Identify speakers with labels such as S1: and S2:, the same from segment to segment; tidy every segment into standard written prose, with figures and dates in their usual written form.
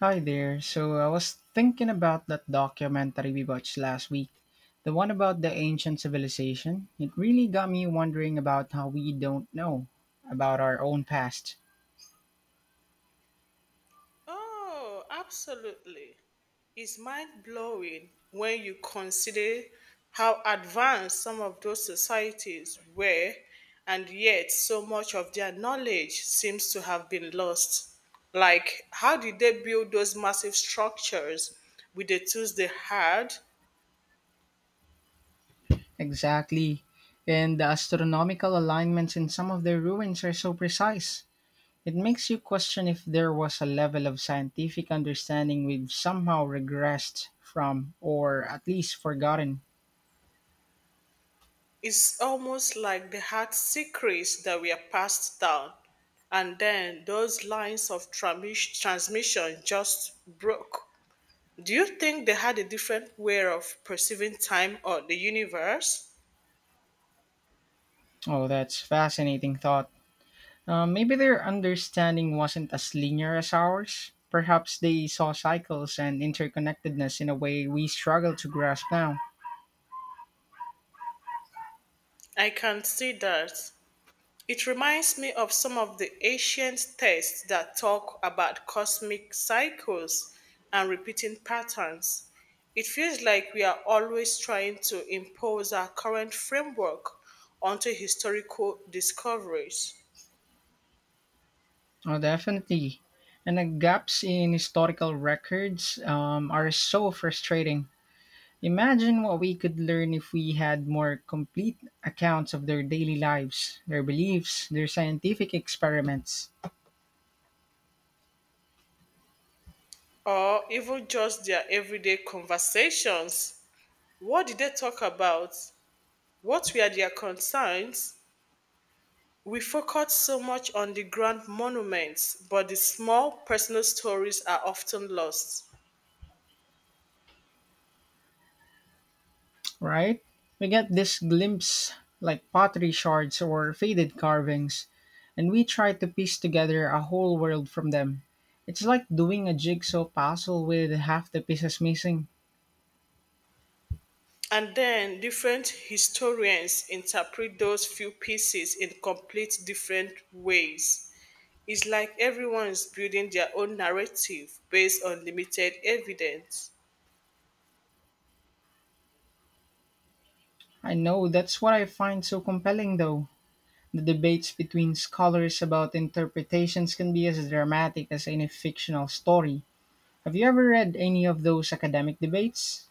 S1: Hi there. So I was thinking about that documentary we watched last week, the one about the ancient civilization. It really got me wondering about how we don't know about our own past.
S2: Oh, absolutely. It's mind blowing when you consider how advanced some of those societies were, and yet so much of their knowledge seems to have been lost. Like, how did they build those massive structures with the tools they had?
S1: Exactly. And the astronomical alignments in some of their ruins are so precise. It makes you question if there was a level of scientific understanding we've somehow regressed from, or at least forgotten.
S2: It's almost like they had secrets that were passed down, and then those lines of transmission just broke. Do you think they had a different way of perceiving time or the universe?
S1: Oh, that's fascinating thought. Maybe their understanding wasn't as linear as ours. Perhaps they saw cycles and interconnectedness in a way we struggle to grasp now.
S2: I can see that. It reminds me of some of the ancient texts that talk about cosmic cycles and repeating patterns. It feels like we are always trying to impose our current framework onto historical discoveries
S1: Oh, definitely. And the gaps in historical records are so frustrating. Imagine what we could learn if we had more complete accounts of their daily lives, their beliefs, their scientific experiments.
S2: or even just their everyday conversations. What did they talk about? What were their concerns? We focus so much on the grand monuments, but the small personal stories are often lost.
S1: Right? We get this glimpse like pottery shards or faded carvings, and we try to piece together a whole world from them. It's like doing a jigsaw puzzle with half the pieces missing.
S2: And then different historians interpret those few pieces in complete different ways. It's like everyone is building their own narrative based on limited evidence.
S1: I know that's what I find so compelling though. The debates between scholars about interpretations can be as dramatic as any fictional story. Have you ever read any of those academic debates?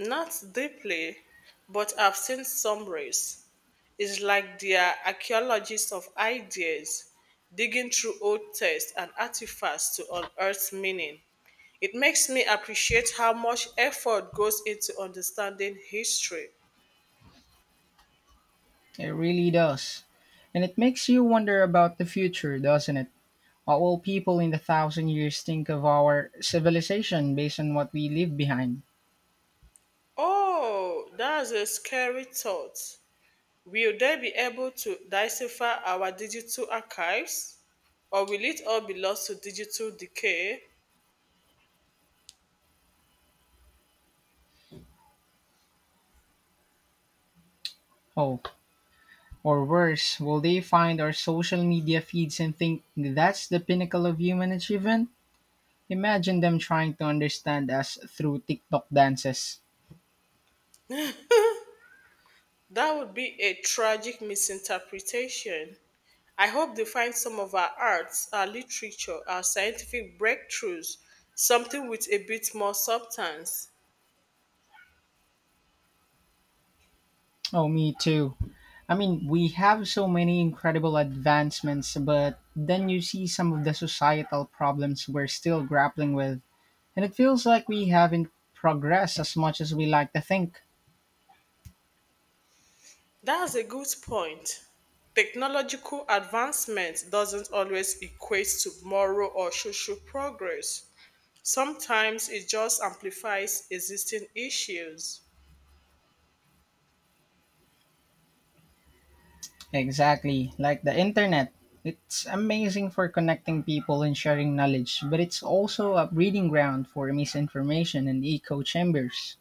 S2: Not deeply, but I've seen summaries. It's like they are archaeologists of ideas, digging through old texts and artifacts to unearth meaning. It makes me appreciate how much effort goes into understanding history.
S1: It really does. And it makes you wonder about the future, doesn't it? What will people in the thousand years think of our civilization based on what we leave behind?
S2: Oh, that's a scary thought. Will they be able to decipher our digital archives? Or will it all be lost to digital decay?
S1: Oh, or worse, will they find our social media feeds and think that's the pinnacle of human achievement? Imagine them trying to understand us through TikTok dances.
S2: That would be a tragic misinterpretation. I hope they find some of our arts, our literature, our scientific breakthroughs, something with a bit more substance.
S1: Oh, me too. I mean, we have so many incredible advancements, but then you see some of the societal problems we're still grappling with, and it feels like we haven't progressed as much as we like to think.
S2: That's a good point. Technological advancement doesn't always equate to moral or social progress. Sometimes it just amplifies existing issues.
S1: Exactly, like the internet. It's amazing for connecting people and sharing knowledge, but it's also a breeding ground for misinformation and echo chambers.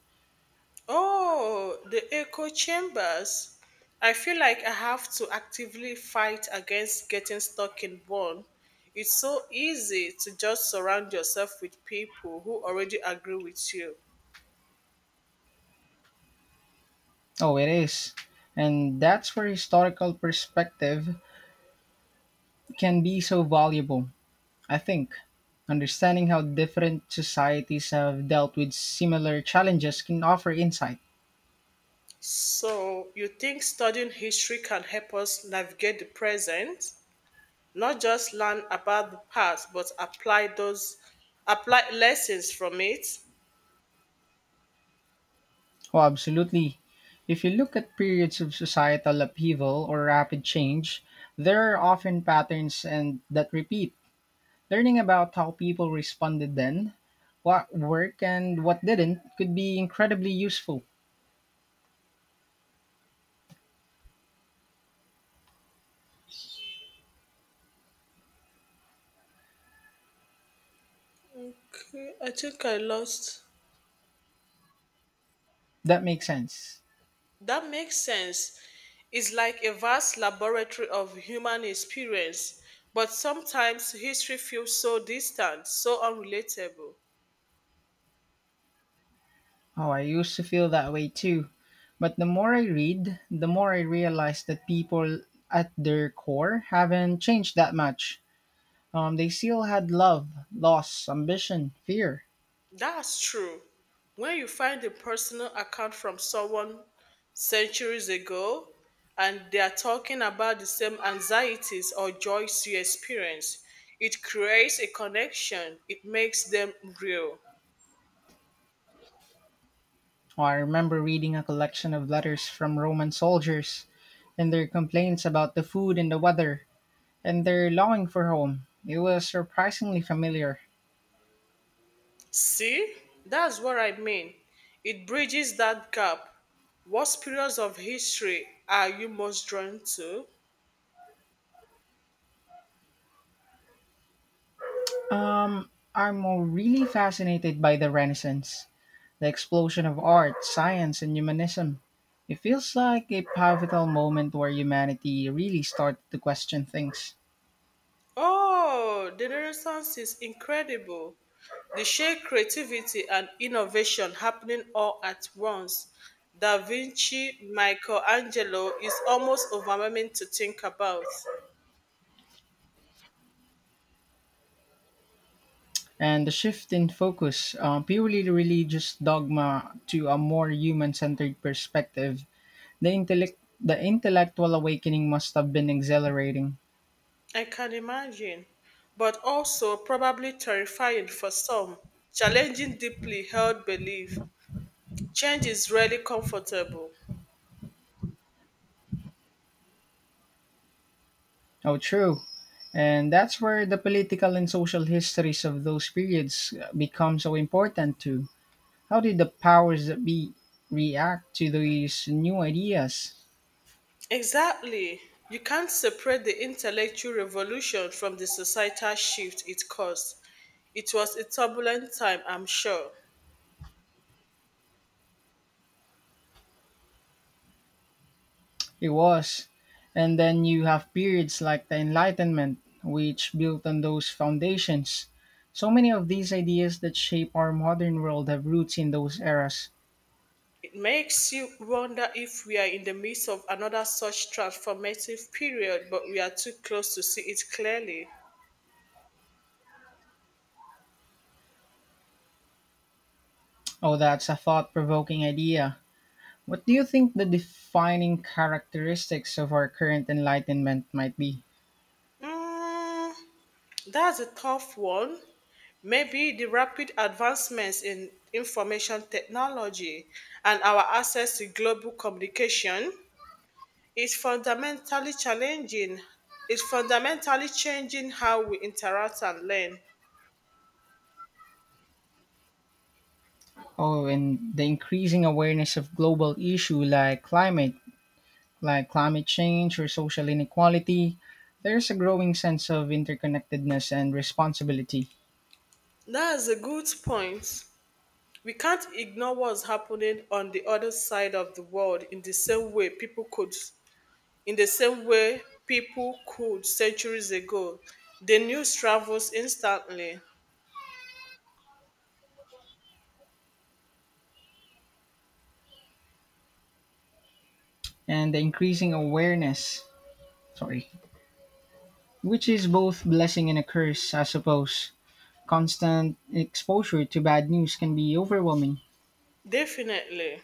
S2: Oh, the echo chambers. I feel like I have to actively fight against getting stuck in one. It's so easy to just surround yourself with people who already agree with you.
S1: Oh, it is. And that's where historical perspective can be so valuable, I think. Understanding how different societies have dealt with similar challenges can offer insight.
S2: So, you think studying history can help us navigate the present, not just learn about the past, but apply lessons from it?
S1: Oh, absolutely. If you look at periods of societal upheaval or rapid change, there are often patterns and that repeat. Learning about how people responded then, what worked and what didn't, could be incredibly useful.
S2: Okay, I think I lost.
S1: That makes sense.
S2: That makes sense. It's like a vast laboratory of human experience, but sometimes history feels so distant, so unrelatable.
S1: Oh, I used to feel that way too. But the more I read, the more I realize that people at their core haven't changed that much. They still had love, loss, ambition, fear.
S2: That's true. When you find a personal account from someone centuries ago and they are talking about the same anxieties or joys you experience, it creates a connection. It makes them real.
S1: Oh, I remember reading a collection of letters from Roman soldiers and their complaints about the food and the weather and their longing for home. It was surprisingly familiar.
S2: See? That's what I mean. It bridges that gap. What periods of history are you most drawn to?
S1: Um, I'm really fascinated by the Renaissance, the explosion of art, science, and humanism. It feels like a pivotal moment where humanity really started to question things.
S2: Oh, the Renaissance is incredible. The sheer creativity and innovation happening all at once. Da Vinci, Michelangelo is almost overwhelming to think about.
S1: And the shift in focus, purely religious dogma, to a more human centered perspective. The intellectual awakening must have been exhilarating.
S2: I can imagine, but also probably terrifying for some, challenging deeply held belief. Change is rarely comfortable.
S1: Oh, true. And that's where the political and social histories of those periods become so important too. How did the powers that be react to these new ideas?
S2: Exactly. You can't separate the intellectual revolution from the societal shift it caused. It was a turbulent time, I'm sure.
S1: It was. And then you have periods like the Enlightenment, which built on those foundations. So many of these ideas that shape our modern world have roots in those eras.
S2: It makes you wonder if we are in the midst of another such transformative period, but we are too close to see it clearly.
S1: Oh, that's a thought provoking idea. What do you think the defining characteristics of our current enlightenment might be?
S2: Mm, that's a tough one. Maybe the rapid advancements in information technology and our access to global communication is fundamentally challenging is fundamentally changing how we interact and learn.
S1: Oh, and the increasing awareness of global issue like climate change or social inequality. There's a growing sense of interconnectedness and responsibility,
S2: That's a good point. We can't ignore what's happening on the other side of the world in the same way people could centuries ago. The news travels instantly.
S1: and the increasing awareness, sorry, which is both blessing and a curse, I suppose. Constant exposure to bad news can be overwhelming.
S2: Definitely.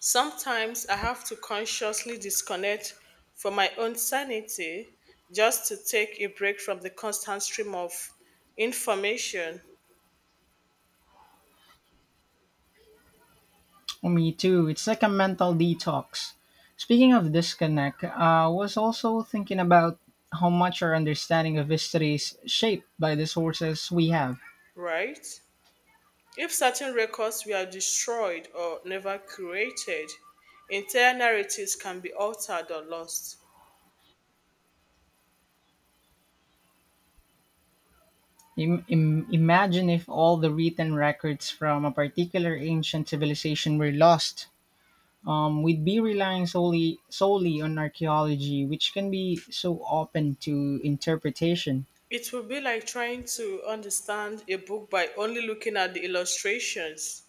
S2: Sometimes I have to consciously disconnect for my own sanity just to take a break from the constant stream of information,
S1: Me too. It's like a mental detox. Speaking of disconnect, I was also thinking about how much our understanding of history is shaped by the sources we have.
S2: right? If certain records were destroyed or never curated, entire narratives can be altered or lost.
S1: Imagine if all the written records from a particular ancient civilization were lost. We'd be relying solely on archaeology, which can be so open to interpretation.
S2: It would be like trying to understand a book by only looking at the illustrations.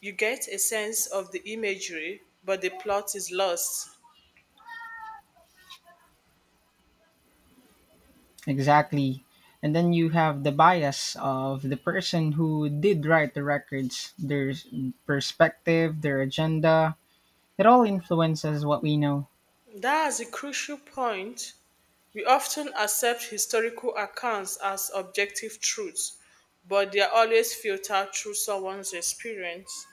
S2: You get a sense of the imagery, but the plot is lost.
S1: Exactly. And then you have the bias of the person who did write the records, perspective, their agenda. It all influences what we know.
S2: That's a crucial point. We often accept historical accounts as objective truths, but they are always filtered through someone's experience.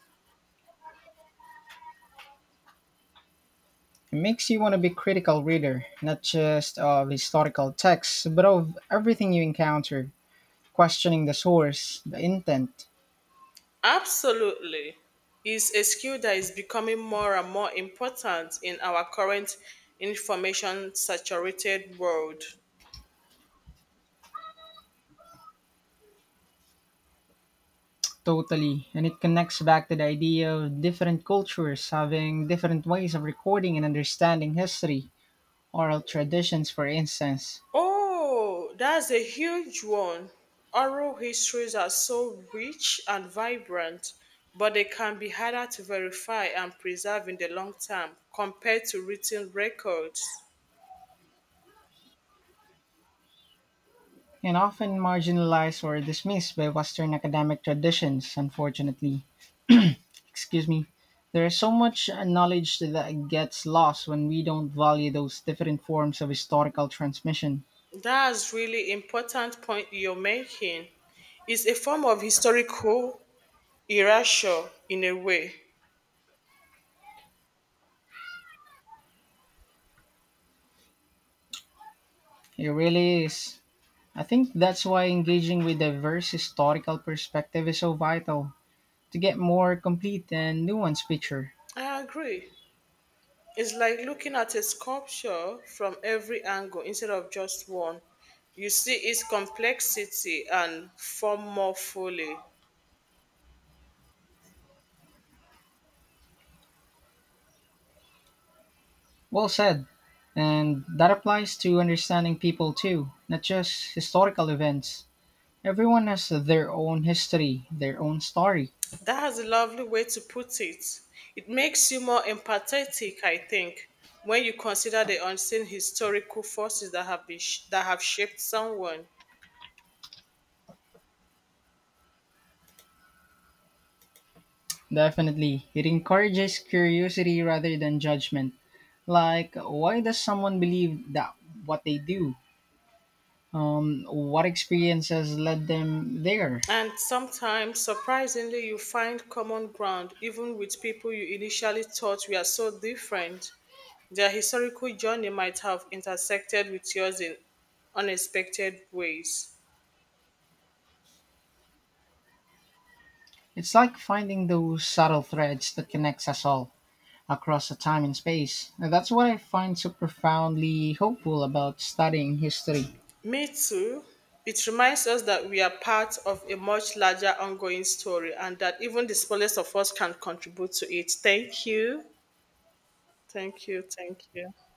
S1: It makes you want to be critical reader, not just of historical texts, but of everything you encounter, questioning the source, the intent.
S2: Absolutely. Is a skill that is becoming more and more important in our current information saturated world.
S1: Totally. And it connects back to the idea of different cultures having different ways of recording and understanding history, oral traditions, for instance.
S2: Oh, that's a huge one. Oral histories are so rich and vibrant, but they can be harder to verify and preserve in the long term compared to written records.
S1: And often marginalized or dismissed by Western academic traditions, unfortunately. Excuse me. There is so much knowledge that gets lost when we don't value those different forms of historical transmission.
S2: That's really important point you're making. It's a form of historical erasure in a way.
S1: It really is. I think that's why engaging with diverse historical perspective is so vital to get more complete and nuanced picture.
S2: I agree. It's like looking at a sculpture from every angle instead of just one. You see its complexity and form more fully.
S1: Well said. And that applies to understanding people too, not just historical events. Everyone has their own history, their own story.
S2: That's a lovely way to put it. It makes you more empathetic, I think, when you consider the unseen historical forces that that have shaped someone.
S1: Definitely, it encourages curiosity rather than judgment. Like, why does someone believe that what they do? What experiences led them there?
S2: And sometimes, surprisingly, you find common ground even with people you initially thought were so different. Their historical journey might have intersected with yours in unexpected ways.
S1: It's like finding those subtle threads that connects us all across the time and space. And that's what I find so profoundly hopeful about studying history.
S2: Me too. It reminds us that we are part of a much larger ongoing story and that even the smallest of us can contribute to it. Thank you. Thank you. Thank you.